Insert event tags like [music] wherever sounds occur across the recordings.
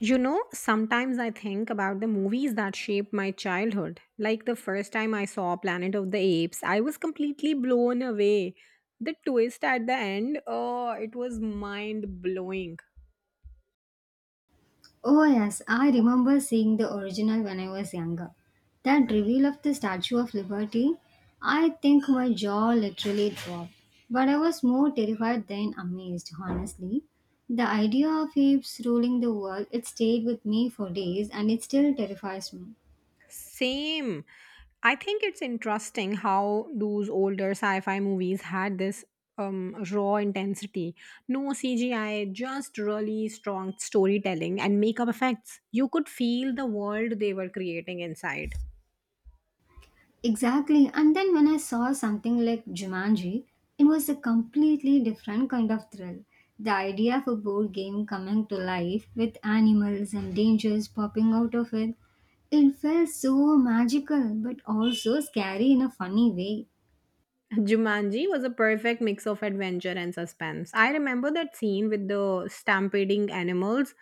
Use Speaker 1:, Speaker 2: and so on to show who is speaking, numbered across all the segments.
Speaker 1: You know, sometimes I think about the movies that shaped my childhood. Like the first time I saw Planet of the Apes, I was completely blown away. The twist at the end, oh, it was mind blowing.
Speaker 2: Oh, yes, I remember seeing the original when I was younger. That reveal of the Statue of Liberty, I think my jaw literally dropped. But I was more terrified than amazed, honestly. The idea of apes ruling the world, it stayed with me for days and it still terrifies me.
Speaker 1: Same. I think it's interesting how those older sci-fi movies had this raw intensity, no CGI, just really strong storytelling and makeup effects. You could feel the world they were creating inside.
Speaker 2: Exactly. And then when I saw something like Jumanji, it was a completely different kind of thrill. The idea of a board game coming to life with animals and dangers popping out of it, it felt so magical but also scary in a funny way.
Speaker 1: Jumanji was a perfect mix of adventure and suspense. I remember that scene with the stampeding animals.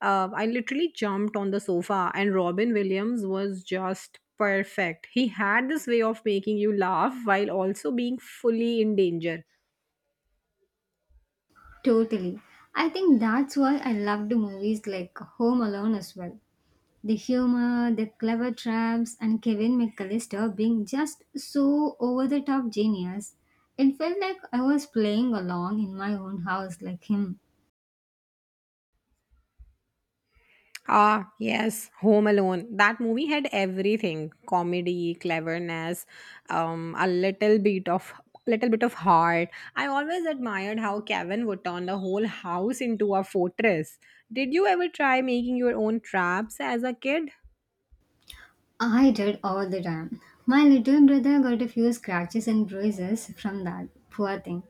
Speaker 1: I literally jumped on the sofa, and Robin Williams was just perfect. He had this way of making you laugh while also being fully in danger.
Speaker 2: Totally. I think that's why I loved movies like Home Alone as well. The humor, the clever traps, and Kevin McAllister being just so over the top genius. It felt like I was playing along in my own house like him.
Speaker 1: Ah, yes, Home Alone. That movie had everything: comedy, cleverness, a little bit of, little bit of heart. I always admired how Kevin would turn the whole house into a fortress. Did you ever try making your own traps as a kid?
Speaker 2: I did all the time. My little brother got a few scratches and bruises from that poor thing.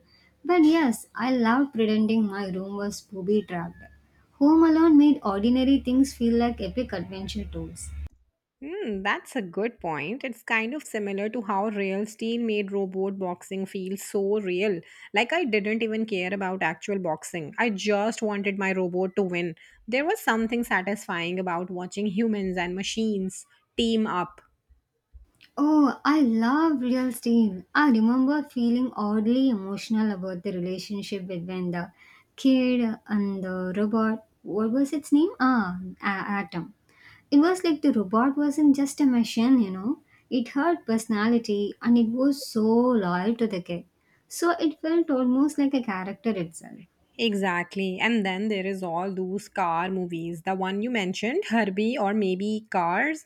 Speaker 2: But yes, I loved pretending my room was booby trapped. Home Alone made ordinary things feel like epic adventure tours.
Speaker 1: Hmm, that's a good point. It's kind of similar to how real steel made robot boxing feels so real. Like I didn't even care about actual boxing. I just wanted my robot to win. There was something satisfying about watching humans and machines team up.
Speaker 2: Oh, I love Real Steam. I remember feeling oddly emotional about the relationship between the kid and the robot. What was its name? Ah, Atom. It was like the robot wasn't just a machine, you know. It had personality and it was so loyal to the kid. So it felt almost like a character itself.
Speaker 1: Exactly. And then there is all those car movies. The one you mentioned, Herbie or maybe Cars.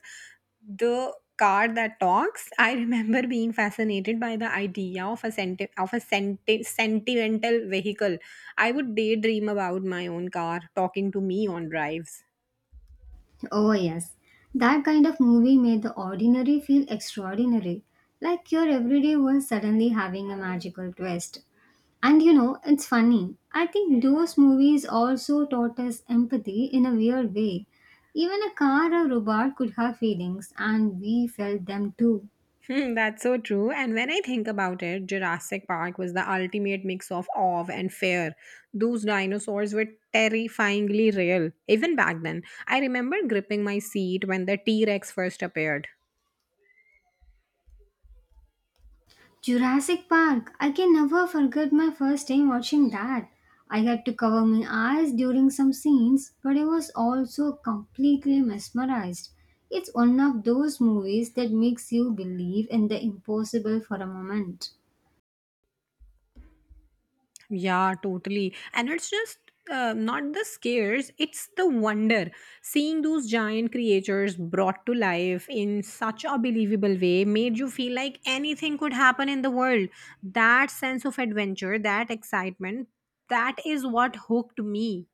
Speaker 1: The car that talks, I remember [laughs] being fascinated by the idea of a sentimental vehicle. I would daydream about my own car talking to me on drives.
Speaker 2: Oh, yes. That kind of movie made the ordinary feel extraordinary, like your everyday was suddenly having a magical twist. And you know, it's funny. I think those movies also taught us empathy in a weird way. Even a car or robot could have feelings, and we felt them too.
Speaker 1: [laughs] Hmm, that's so true. And when I think about it, Jurassic Park was the ultimate mix of awe and fear. Those dinosaurs were terrifyingly real, even back then. I remember gripping my seat when the T Rex first appeared.
Speaker 2: Jurassic Park, I can never forget my first time watching that. I had to cover my eyes during some scenes, but I was also completely mesmerized. It's one of those movies that makes you believe in the impossible for a moment.
Speaker 1: Yeah, totally. And it's just not the scares, it's the wonder. Seeing those giant creatures brought to life in such a believable way made you feel like anything could happen in the world. That sense of adventure, that excitement, that is what hooked me.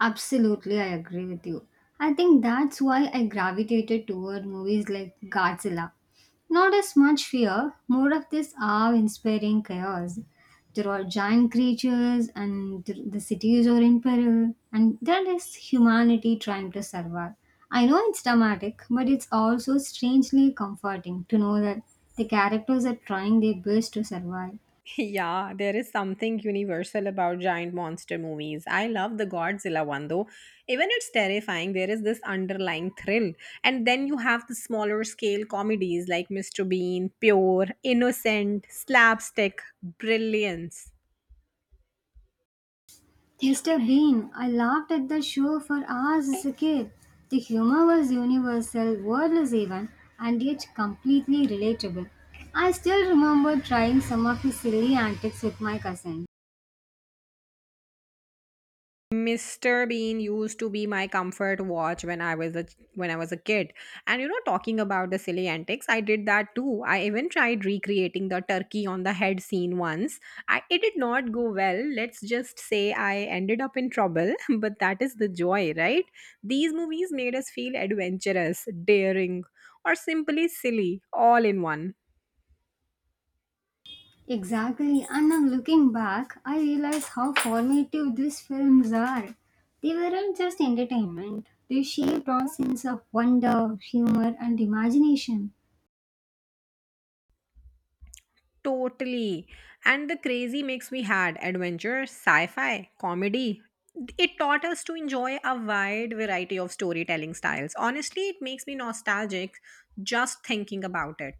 Speaker 2: Absolutely, I agree with you. I think that's why I gravitated toward movies like Godzilla. Not as much fear, more of this awe inspiring chaos. There are giant creatures, and the cities are in peril, and there is humanity trying to survive. I know it's dramatic, but it's also strangely comforting to know that the characters are trying their best to survive.
Speaker 1: [laughs] Yeah, there is something universal about giant monster movies. I love the Godzilla one though. Even it's terrifying, there is this underlying thrill. And then you have the smaller scale comedies like Mr. Bean, Pure, Innocent, Slapstick, Brilliance.
Speaker 2: Mr. Bean, I laughed at the show for hours as a kid. The humor was universal, wordless even, and yet completely relatable. I still remember trying some of his silly antics with my cousin.
Speaker 1: Mr. Bean used to be my comfort watch when I was a when I was a kid. And you know, talking about the silly antics, I did that too. I even tried recreating the turkey on the head scene once. I it did not go well. Let's just say I ended up in trouble, [laughs] but that is the joy, right? These movies made us feel adventurous, daring, or simply silly all in one.
Speaker 2: Exactly, and now looking back, I realize how formative these films are. They weren't just entertainment, they shaped our sense of wonder, humor, and imagination.
Speaker 1: Totally. And the crazy mix we had adventure, sci fi, comedy. It taught us to enjoy a wide variety of storytelling styles. Honestly, it makes me nostalgic just thinking about it.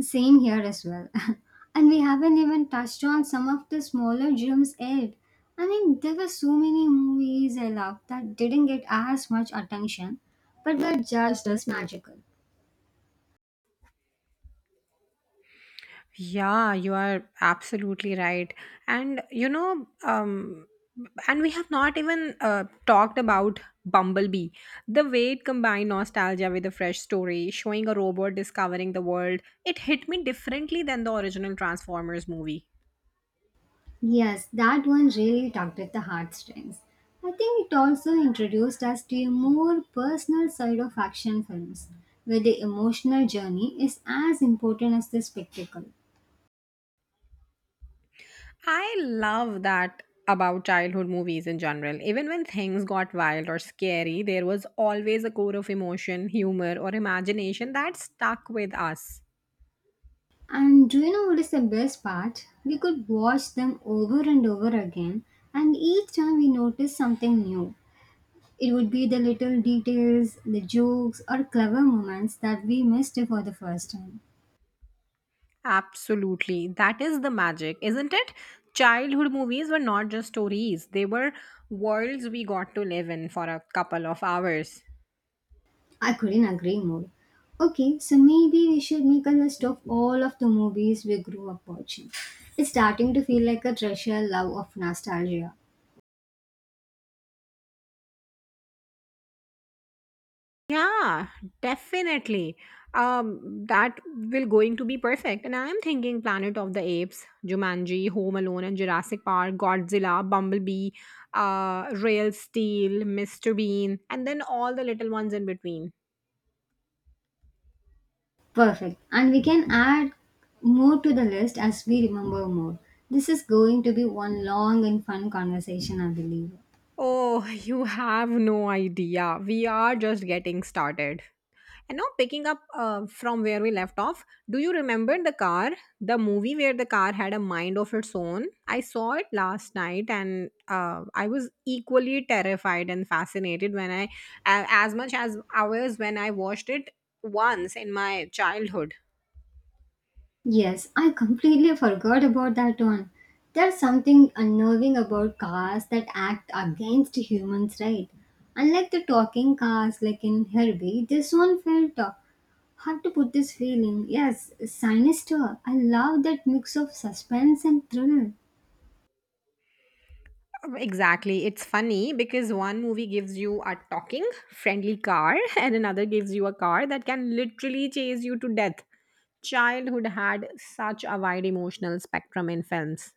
Speaker 2: Same here as well. [laughs] And we haven't even touched on some of the smaller gems yet. I mean, there were so many movies I loved that didn't get as much attention, but were just as magical.
Speaker 1: Yeah, you are absolutely right. And And we have not even talked about Bumblebee. The way it combined nostalgia with a fresh story, showing a robot discovering the world, it hit me differently than the original Transformers movie.
Speaker 2: Yes, that one really tugged at the heartstrings. I think it also introduced us to a more personal side of action films, where the emotional journey is as important as the spectacle.
Speaker 1: I love that about childhood movies in general. Even when things got wild or scary, there was always a core of emotion, humor, or imagination that stuck with us.
Speaker 2: And do you know what is the best part? We could watch them over and over again, and each time we notice something new. It would be the little details, the jokes, or clever moments that we missed for the first time.
Speaker 1: Absolutely. That is the magic, isn't it? Childhood movies were not just stories, they were worlds we got to live in for a couple of hours.
Speaker 2: I couldn't agree more. Okay, so maybe we should make a list of all of the movies we grew up watching. It's starting to feel like a treasure love of nostalgia.
Speaker 1: Yeah, definitely. That will going to be perfect. And I am thinking Planet of the Apes, Jumanji, Home Alone, and Jurassic Park, Godzilla, Bumblebee, Real Steel, Mr. Bean, and then all the little ones in between.
Speaker 2: Perfect. And we can add more to the list as we remember more. This is going to be one long and fun conversation, I believe.
Speaker 1: Oh, [laughs] you have no idea. We are just getting started. And now, picking up from where we left off, do you remember the car? The movie where the car had a mind of its own? I saw it last night and I was equally terrified and fascinated when as much as I was when I watched it once in my childhood.
Speaker 2: Yes, I completely forgot about that one. There's something unnerving about cars that act against humans, right? Unlike the talking cars like in Herbie, this one felt hard to put this feeling. Yes, sinister. I love that mix of suspense and thrill.
Speaker 1: Exactly. It's funny because one movie gives you a talking, friendly car, [laughs] and another gives you a car that can literally chase you to death. Childhood had such a wide emotional spectrum in films.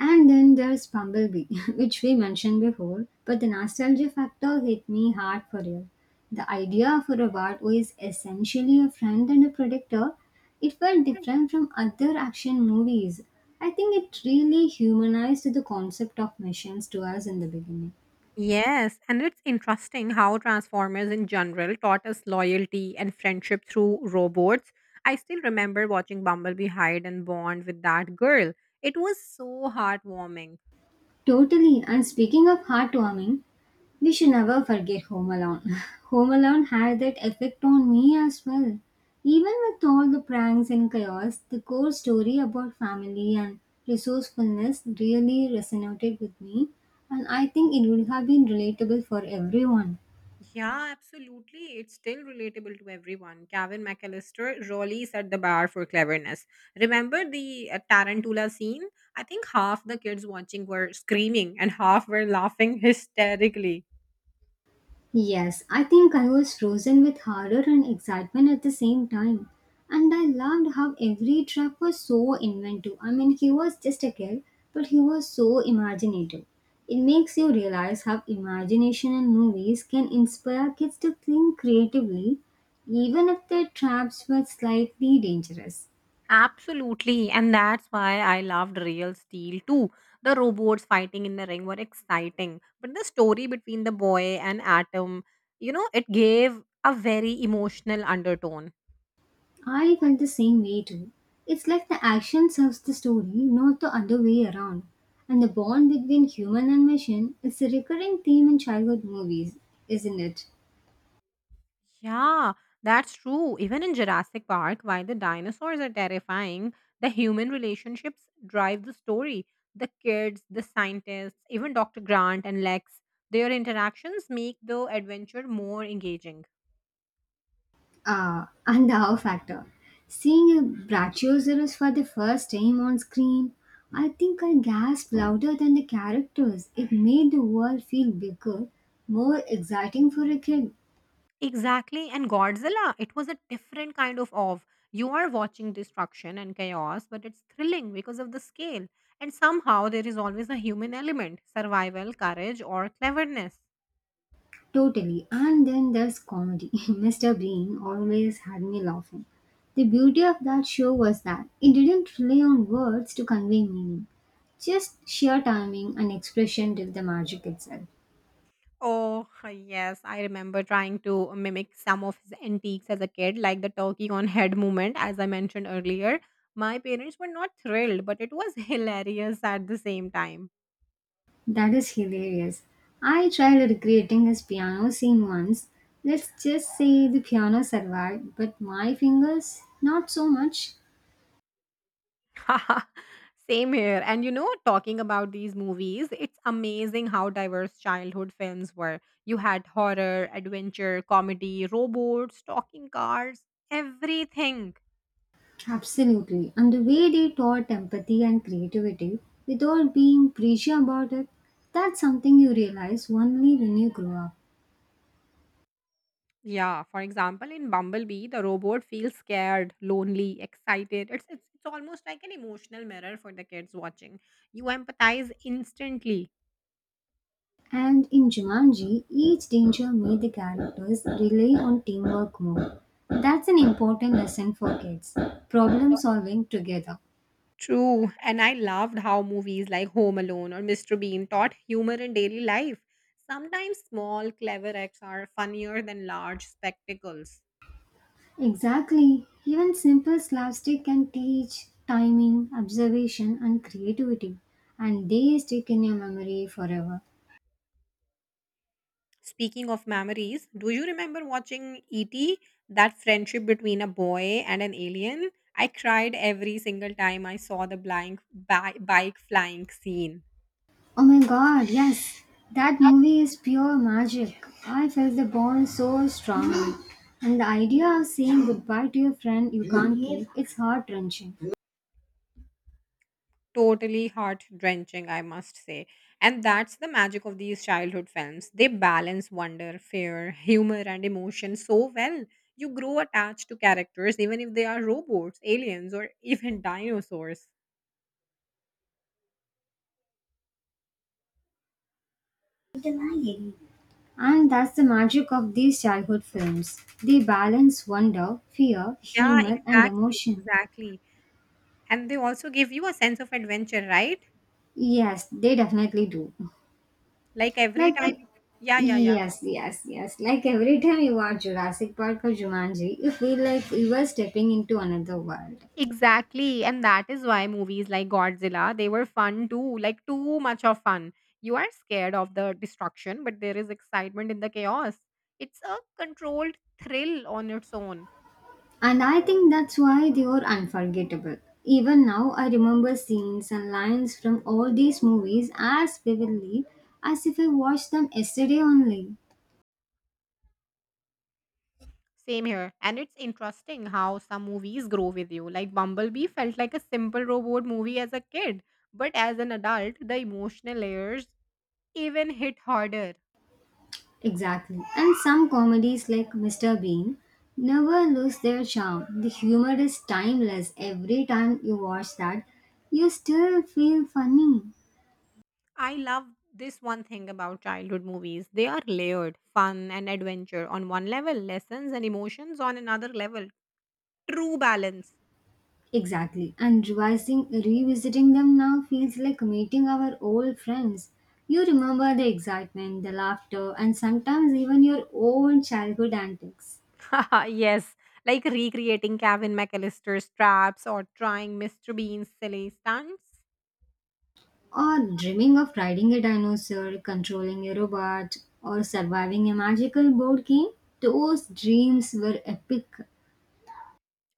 Speaker 2: And then there's Bumblebee, [laughs] which we mentioned before, but the nostalgia factor hit me hard for real. The idea for a bat who is essentially a friend and a protector, it felt
Speaker 1: Mm.
Speaker 2: different from other action movies. I think it really humanized the concept of missions to us in the beginning.
Speaker 1: Yes, and it's interesting how Transformers in general taught us loyalty and friendship through robots. I still remember watching Bumblebee hide and bond with that girl. It was so heartwarming.
Speaker 2: Totally. And speaking of heartwarming, we should never forget Home Alone. [laughs] Home Alone had that effect on me as well. Even with all the pranks and chaos, the core story about family and resourcefulness really resonated with me, and I think it would have been relatable for everyone.
Speaker 1: Yeah, absolutely. It's still relatable to everyone. Gavin McAllister really set the bar for cleverness. Remember the Tarantula scene? I think half the kids watching were screaming and half were laughing [laughs] hysterically.
Speaker 2: Yes, I think I was frozen with horror and excitement at the same time. And I loved how every trap was so inventive. I mean, he was just a kid, but he was so imaginative. It makes you realize how imagination in movies can inspire kids to think creatively, even if their traps were slightly dangerous.
Speaker 1: Absolutely, and that's why I loved Real Steel too. The robots fighting in the ring were exciting, but the story between the boy and Atom, you know, it gave a very emotional undertone.
Speaker 2: I felt the same way too. It's like the action serves the story, not the other way around. And the bond between human and machine is a recurring theme in childhood movies, isn't it?
Speaker 1: Yeah, that's true. Even in Jurassic Park, while the dinosaurs are terrifying, the human relationships drive the story. The kids, the scientists, even Dr. Grant and Lex, their interactions make the adventure more engaging.
Speaker 2: [laughs] And the wow factor. Seeing a Brachiosaurus for the first time on screen, I think I gasped louder than the characters. It made the world feel bigger, more exciting for a kid.
Speaker 1: Exactly. And Godzilla, it was a different kind of. You are watching destruction and chaos, but it's thrilling because of the scale. And somehow there is always a human element survival, courage, or cleverness.
Speaker 2: Totally. And then there's comedy. [laughs] Mr. Bean always had me laughing. The beauty of that show was that it didn't rely on words to convey meaning, just sheer timing and expression did the magic itself.
Speaker 1: Oh, yes. I remember trying to mimic some of his antiques as a kid, like the turkey on head movement, as I mentioned earlier. My parents were not thrilled, but it was [laughs] hilarious at the same time.
Speaker 2: That is hilarious. I tried recreating his piano scene once. Let's just say the piano survived, but my fingers, not so much.
Speaker 1: [laughs] Same here. And you know, talking about these movies, it's amazing how diverse childhood films were. You had horror, adventure, comedy, robots, talking cars, everything.
Speaker 2: Absolutely. And the way they taught empathy and creativity without being preachy about it, that's something you realize only when you grow up.
Speaker 1: Yeah, for example, in Bumblebee, the robot feels scared, lonely, excited. It's almost like an emotional mirror for the kids watching. You empathize instantly.
Speaker 2: And in Jumanji, each danger made the characters rely on teamwork more. That's an important lesson for kids. Problem solving together.
Speaker 1: True, and I loved how movies like Home Alone or Mr. Bean taught humor in daily life. Sometimes small, clever acts are funnier than large spectacles.
Speaker 2: Exactly. Even simple slapstick can teach timing, observation, and creativity, and they stick in your memory forever.
Speaker 1: Speaking of memories, do you remember watching E.T., that friendship between a boy and an alien? I cried every single time I saw the bike flying scene.
Speaker 2: Oh my god, yes. That movie is pure magic. I felt the bond so strongly. And the idea of saying goodbye to your friend you can't keep, it's heart wrenching.
Speaker 1: Totally heart drenching, I must say. And that's the magic of these childhood films. They balance wonder, fear, humor, and emotion so well. You grow attached to characters, even if they are robots, aliens, or even dinosaurs.
Speaker 2: And that's the magic of these childhood films. They balance wonder, fear,
Speaker 1: Yeah,
Speaker 2: humor, and emotion.
Speaker 1: exactly. And they also give you a sense of adventure, right?
Speaker 2: Yes, they definitely do.
Speaker 1: Like every
Speaker 2: Like,
Speaker 1: time. Yeah, yeah, yeah.
Speaker 2: yes, yes, yes. Like every time you watch Jurassic Park or Jumanji, you feel like you are stepping into another world.
Speaker 1: Exactly. And that is why movies like Godzilla, they were fun too, like too much of fun. You are scared of the destruction, but there is excitement in the chaos. It's a controlled thrill on its own.
Speaker 2: And I think that's why they were unforgettable. Even now, I remember scenes and lines from all these movies as vividly as if I watched them yesterday only.
Speaker 1: Same here. And it's interesting how some movies grow with you. Like Bumblebee felt like a simple robot movie as a kid, but as an adult, the emotional layers even hit harder.
Speaker 2: Exactly. And some comedies like Mr. Bean never lose their charm. The humor is timeless. Every time you watch that, you still feel funny.
Speaker 1: I love this one thing about childhood movies. They are layered, fun and adventure on one level, lessons and emotions on another level. True balance.
Speaker 2: Exactly. And revising, revisiting them now feels like meeting our old friends. You remember the excitement, the laughter, and sometimes even your own childhood antics.
Speaker 1: [laughs] Yes, like recreating Kevin McAllister's traps or trying Mr. Bean's silly stunts.
Speaker 2: Or dreaming of riding a dinosaur, controlling a robot, or surviving a magical board game. Those dreams were epic.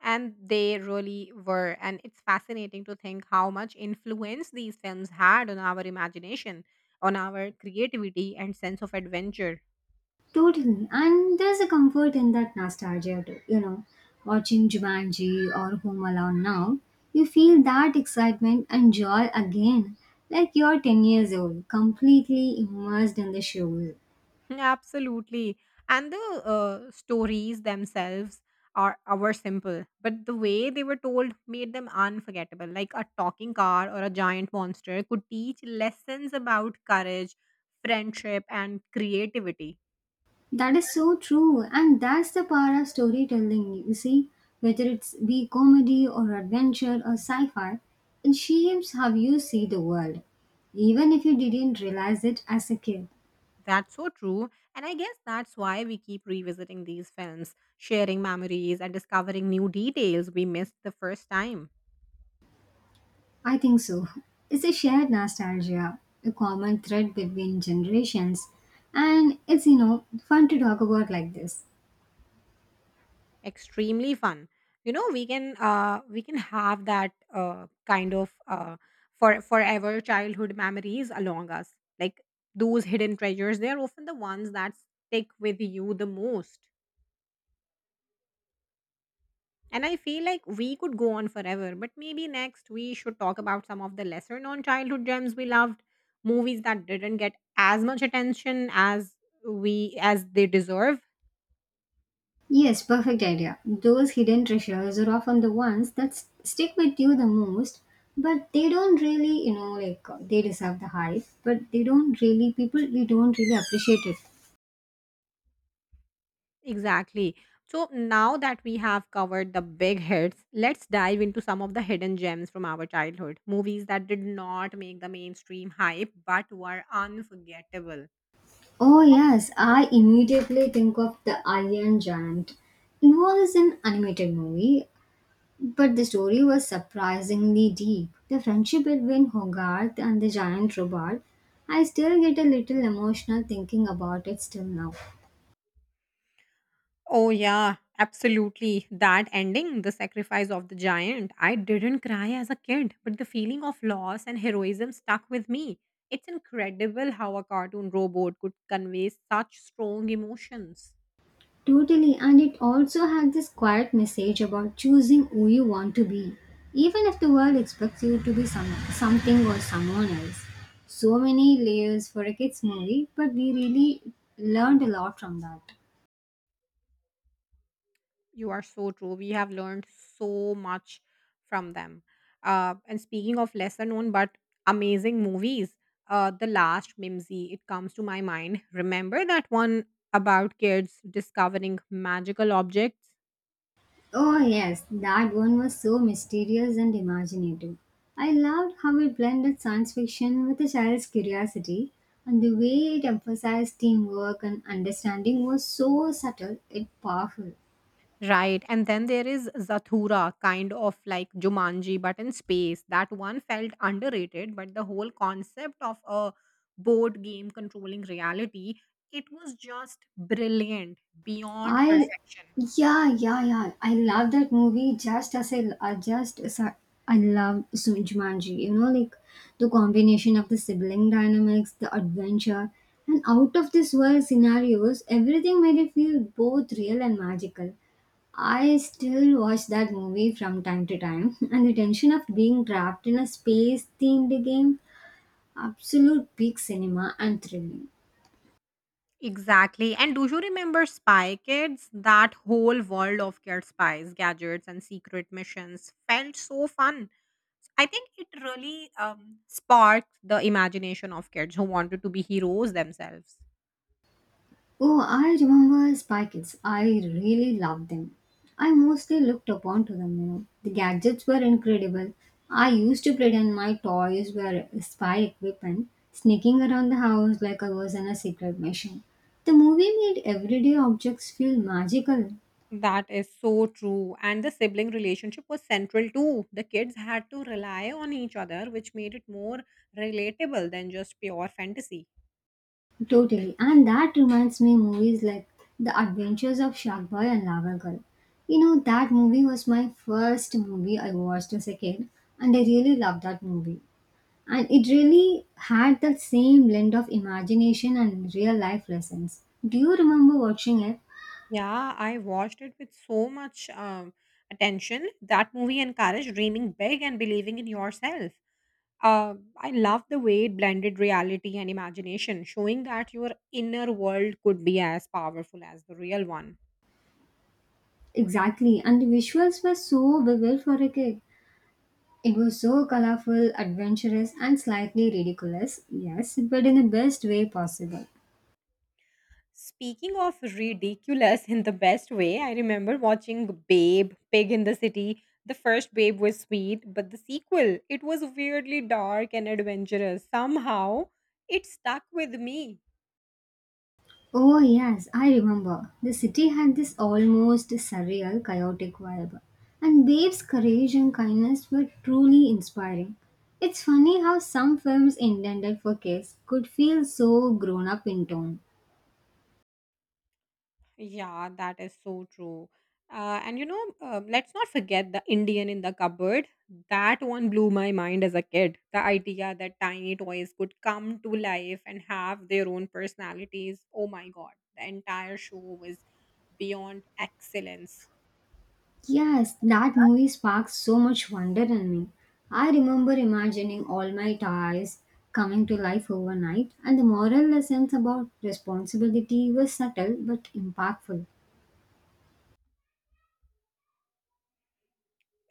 Speaker 1: And they really were. And it's fascinating to think how much influence these films had on our imagination, on our creativity and sense of adventure.
Speaker 2: Totally. And there's a comfort in that nostalgia too, you know. Watching Jumanji or Home Alone now, you feel that excitement and joy again, like you're 10 years old, completely immersed in the show.
Speaker 1: Absolutely. And the stories themselves are simple, but the way they were told made them unforgettable. Like a talking car or a giant monster could teach lessons about courage, friendship, and creativity.
Speaker 2: That is so true, and that's the power of storytelling, you see. Whether it's be comedy or adventure or sci fi, it shapes how you see the world, even if you didn't realize it as a kid.
Speaker 1: That's so true. And I guess that's why we keep revisiting these films, sharing memories and discovering new details we missed the first time.
Speaker 2: I think so. It's a shared nostalgia, a common thread between generations, and it's, you know, fun to talk about like this.
Speaker 1: Extremely fun. You know, we can have that kind of forever childhood memories along us, like those hidden treasures. They're often the ones that stick with you the most, and I feel like we could go on forever, but maybe next we should talk about some of the lesser known childhood gems we loved, movies that didn't get as much attention as we as they deserve.
Speaker 2: Yes, perfect idea. Those hidden treasures are often the ones that stick with you the most, but they don't really, like they deserve the hype, but they don't really, people, we don't really appreciate it.
Speaker 1: Exactly. So now that we have covered the big hits, let's dive into some of the hidden gems from our childhood. Movies that did not make the mainstream hype but were unforgettable.
Speaker 2: Oh, yes, I immediately think of The Iron Giant. It was an animated movie, but the story was surprisingly deep. The friendship between Hogarth and the giant robot, I still get a little emotional thinking about it still now.
Speaker 1: Oh, yeah, absolutely. That ending, The Sacrifice of the Giant, I didn't cry as a kid, but the feeling of loss and heroism stuck with me. It's incredible how a cartoon robot could convey such strong emotions.
Speaker 2: Totally, and it also had this quiet message about choosing who you want to be, even if the world expects you to be some, something or someone else. So many layers for a kids' movie, but we really learned a lot from that.
Speaker 1: You are so true. We have learned so much from them. And speaking of lesser known but amazing movies, The Last Mimsy, it comes to my mind. Remember that one about kids discovering magical objects?
Speaker 2: Oh, yes, that one was so mysterious and imaginative. I loved how it blended science fiction with a child's curiosity, and the way it emphasized teamwork and understanding was so subtle yet powerful.
Speaker 1: Right. And then there is Zathura, kind of like Jumanji, but in space. That one felt underrated, but the whole concept of a board game controlling reality, it was just brilliant beyond
Speaker 2: I
Speaker 1: perfection.
Speaker 2: Yeah, yeah, yeah, I love that movie just as I love Jumanji. You know, like the combination of the sibling dynamics, the adventure, and out of this world scenarios, everything made it feel both real and magical. I still watch that movie from time to time. [laughs] And the tension of being trapped in a space themed game, absolute peak cinema and thrilling.
Speaker 1: Exactly. And do you remember Spy Kids? That whole world of kid spies, gadgets, and secret missions felt so fun. I think it really sparked the imagination of kids who wanted to be heroes themselves.
Speaker 2: Oh, I remember Spy Kids. I really loved them. I mostly looked upon to them, you know. The gadgets were incredible. I used to pretend my toys were spy equipment, sneaking around the house like I was in a secret mission. The movie made everyday objects feel magical,
Speaker 1: That is so true. And the sibling relationship was central too. The kids had to rely on each other, which made it more relatable than just pure fantasy.
Speaker 2: totally. And that reminds me movies like The Adventures of Shark Boy and Lava Girl. You know, that movie was my first movie I watched as a kid, and I really loved that movie. And it really had that same blend of imagination and real life lessons. Do you remember watching it?
Speaker 1: Yeah, I watched it with so much attention. That movie encouraged dreaming big and believing in yourself. I love the way it blended reality and imagination, showing that your inner world could be as powerful as the real one.
Speaker 2: Exactly, and the visuals were so vivid for a kid. It was so colorful, adventurous, and slightly ridiculous, yes, but in the best way possible.
Speaker 1: Speaking of ridiculous in the best way, I remember watching Babe, Pig in the City. The first Babe was sweet, but the sequel, it was weirdly dark and adventurous. Somehow, it stuck with me.
Speaker 2: Oh, yes, I remember. The city had this almost surreal, chaotic vibe, and Babe's courage and kindness were truly inspiring. It's funny how some films intended for kids could feel so grown up in tone.
Speaker 1: Yeah, that is so true. Let's not forget the Indian in the Cupboard. That one blew my mind as a kid. The idea that tiny toys could come to life and have their own personalities. Oh my God, the entire show was beyond excellence.
Speaker 2: Yes, that movie sparked so much wonder in me. I remember imagining all my toys coming to life overnight, and the moral lessons about responsibility were subtle but impactful.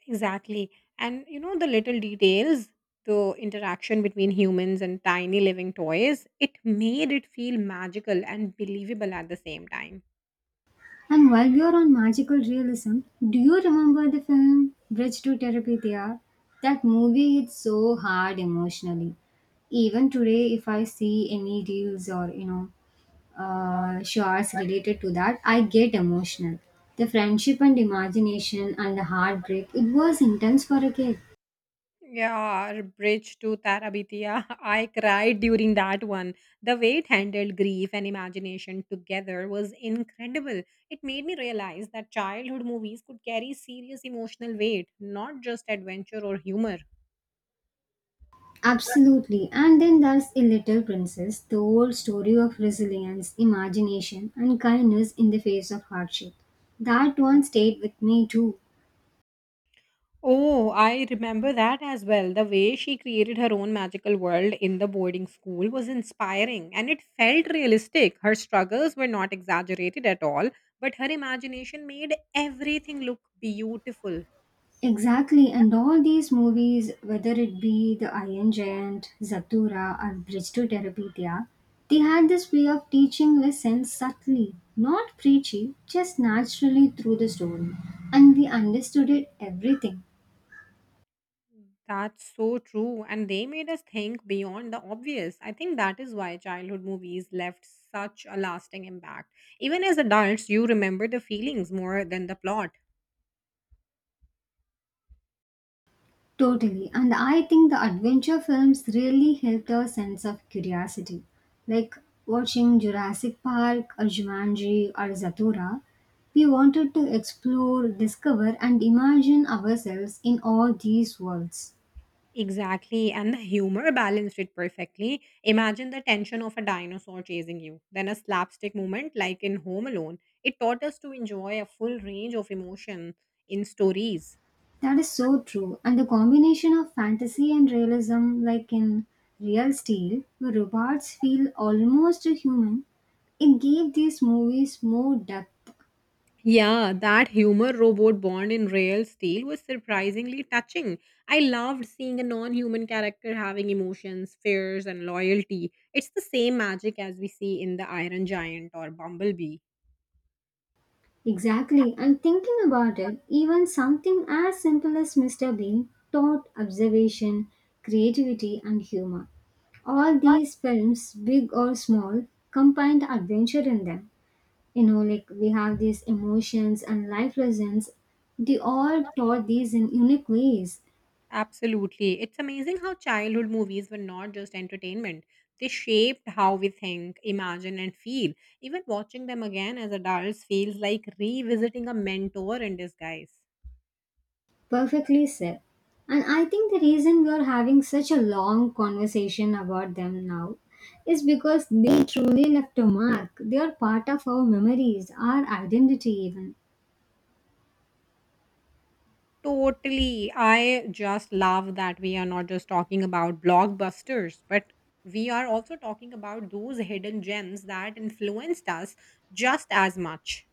Speaker 1: Exactly. And you know, the little details, the interaction between humans and tiny living toys, it made it feel magical and believable at the same time.
Speaker 2: And while we are on magical realism, do you remember the film Bridge to Terabithia? That movie hits so hard emotionally. Even today, if I see any reels or shorts related to that, I get emotional. The friendship and imagination and the heartbreak, it was intense for a kid.
Speaker 1: Yeah, Bridge to Tarabitiya. [laughs] I cried during that one. The way it handled grief and imagination together was incredible. It made me realize that childhood movies could carry serious emotional weight, not just adventure or humor.
Speaker 2: Absolutely. And then there's A Little Princess, the whole story of resilience, imagination, and kindness in the face of hardship. That one stayed with me too.
Speaker 1: Oh, I remember that as well. The way she created her own magical world in the boarding school was inspiring and it felt realistic. Her struggles were not exaggerated at all, but her imagination made everything look beautiful.
Speaker 2: Exactly, and all these movies, whether it be The Iron Giant, Zatura, or Bridge to Terabithia, they had this way of teaching lessons subtly, not preachy, just naturally through the story. And we understood it everything.
Speaker 1: That's so true. And they made us think beyond the obvious. I think that is why childhood movies left such a lasting impact. Even as adults, you remember the feelings more than the plot.
Speaker 2: Totally. And I think the adventure films really helped our sense of curiosity. Like watching Jurassic Park or Jumanji or Zatura, we wanted to explore, discover, and imagine ourselves in all these worlds.
Speaker 1: Exactly. And the humor balanced it perfectly. Imagine the tension of a dinosaur chasing you, then a slapstick moment like in Home Alone. It taught us to enjoy a full range of emotion in stories.
Speaker 2: That is so true. And the combination of fantasy and realism, like in Real Steel, where robots feel almost human, it gave these movies more depth.
Speaker 1: Yeah, that humor robot born in Real Steel was surprisingly touching. I loved seeing a non human character having emotions, fears, and loyalty. It's the same magic as we see in The Iron Giant or Bumblebee.
Speaker 2: Exactly, and thinking about it, even something as simple as Mr. Bean taught observation, creativity, and humor. All these films, big or small, combined adventure in them. Like we have these emotions and life lessons, they all taught these in unique ways.
Speaker 1: Absolutely. It's amazing how childhood movies were not just entertainment, they shaped how we think, imagine, and feel. Even watching them again as adults feels like revisiting a mentor in disguise.
Speaker 2: Perfectly said. And I think the reason we're having such a long conversation about them now is because they truly left a mark. They are part of our memories, our identity, even.
Speaker 1: Totally. I just love that we are not just talking about blockbusters, but we are also talking about those hidden gems that influenced us just as much.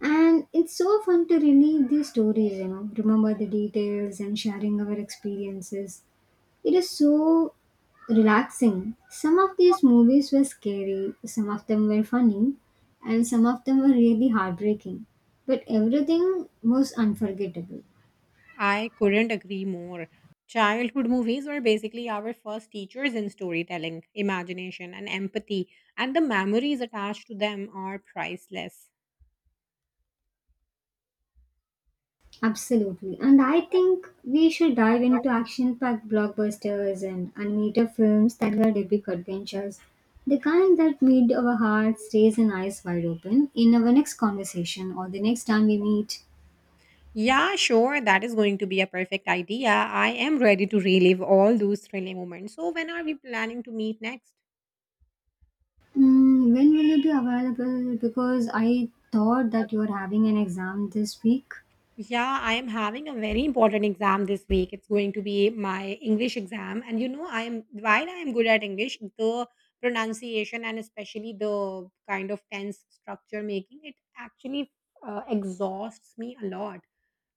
Speaker 2: And it's so fun to relive these stories, remember the details and sharing our experiences. It is so relaxing. Some of these movies were scary, some of them were funny, and some of them were really heartbreaking. But everything was unforgettable.
Speaker 1: I couldn't agree more. Childhood movies were basically our first teachers in storytelling, imagination, and empathy, and the memories attached to them are priceless.
Speaker 2: Absolutely. And I think we should dive into action packed blockbusters and animated films that were epic adventures. The kind that made our hearts race and eyes wide open in our next conversation or the next time we meet.
Speaker 1: Yeah, sure, that is going to be a perfect idea. I am ready to relive all those thrilling moments. So, when are we planning to meet next?
Speaker 2: Mm, when will you be available? Because I thought that you are having an exam this week.
Speaker 1: Yeah, I am having a very important exam this week. It's going to be my English exam. And you know, I am while I am good at English, the pronunciation and especially the kind of tense structure making, it actually exhausts me a lot.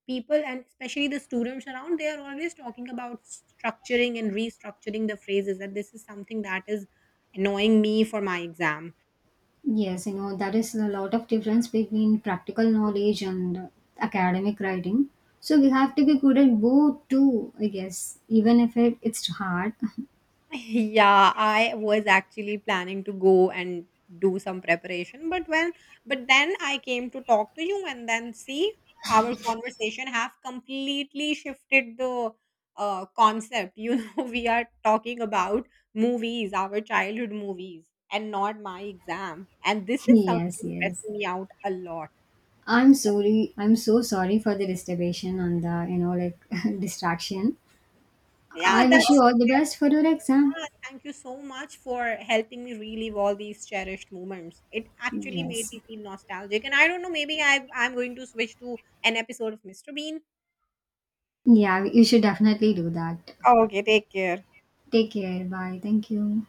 Speaker 1: People and especially the students around, they are always talking about structuring and restructuring the phrases, and this is something that is annoying me for my exam.
Speaker 2: Yes, you know, that is a lot of difference between practical knowledge and academic writing. So we have to be good at both too, I guess, even if it's hard.
Speaker 1: Yeah, I was actually planning to go and do some preparation, but when but then I came to talk to you and then see our conversation have completely shifted the concept. You know, [laughs] we are talking about movies, our childhood movies, and not my exam. And this
Speaker 2: [laughs]
Speaker 1: is
Speaker 2: Yes,
Speaker 1: something
Speaker 2: yes.
Speaker 1: stressing me out a lot.
Speaker 2: I'm sorry. I'm so sorry for the disturbance and the [laughs] distraction.
Speaker 1: Yeah,
Speaker 2: I wish you
Speaker 1: that's
Speaker 2: all the best for your exam.
Speaker 1: Yeah, thank you so much for helping me relive all these cherished moments. It actually made
Speaker 2: Yes.
Speaker 1: me feel nostalgic. And I don't know, maybe I'm going to switch to an episode of Mr. Bean.
Speaker 2: Yeah, you should definitely do that.
Speaker 1: Okay, take care.
Speaker 2: Take care. Bye. Thank you.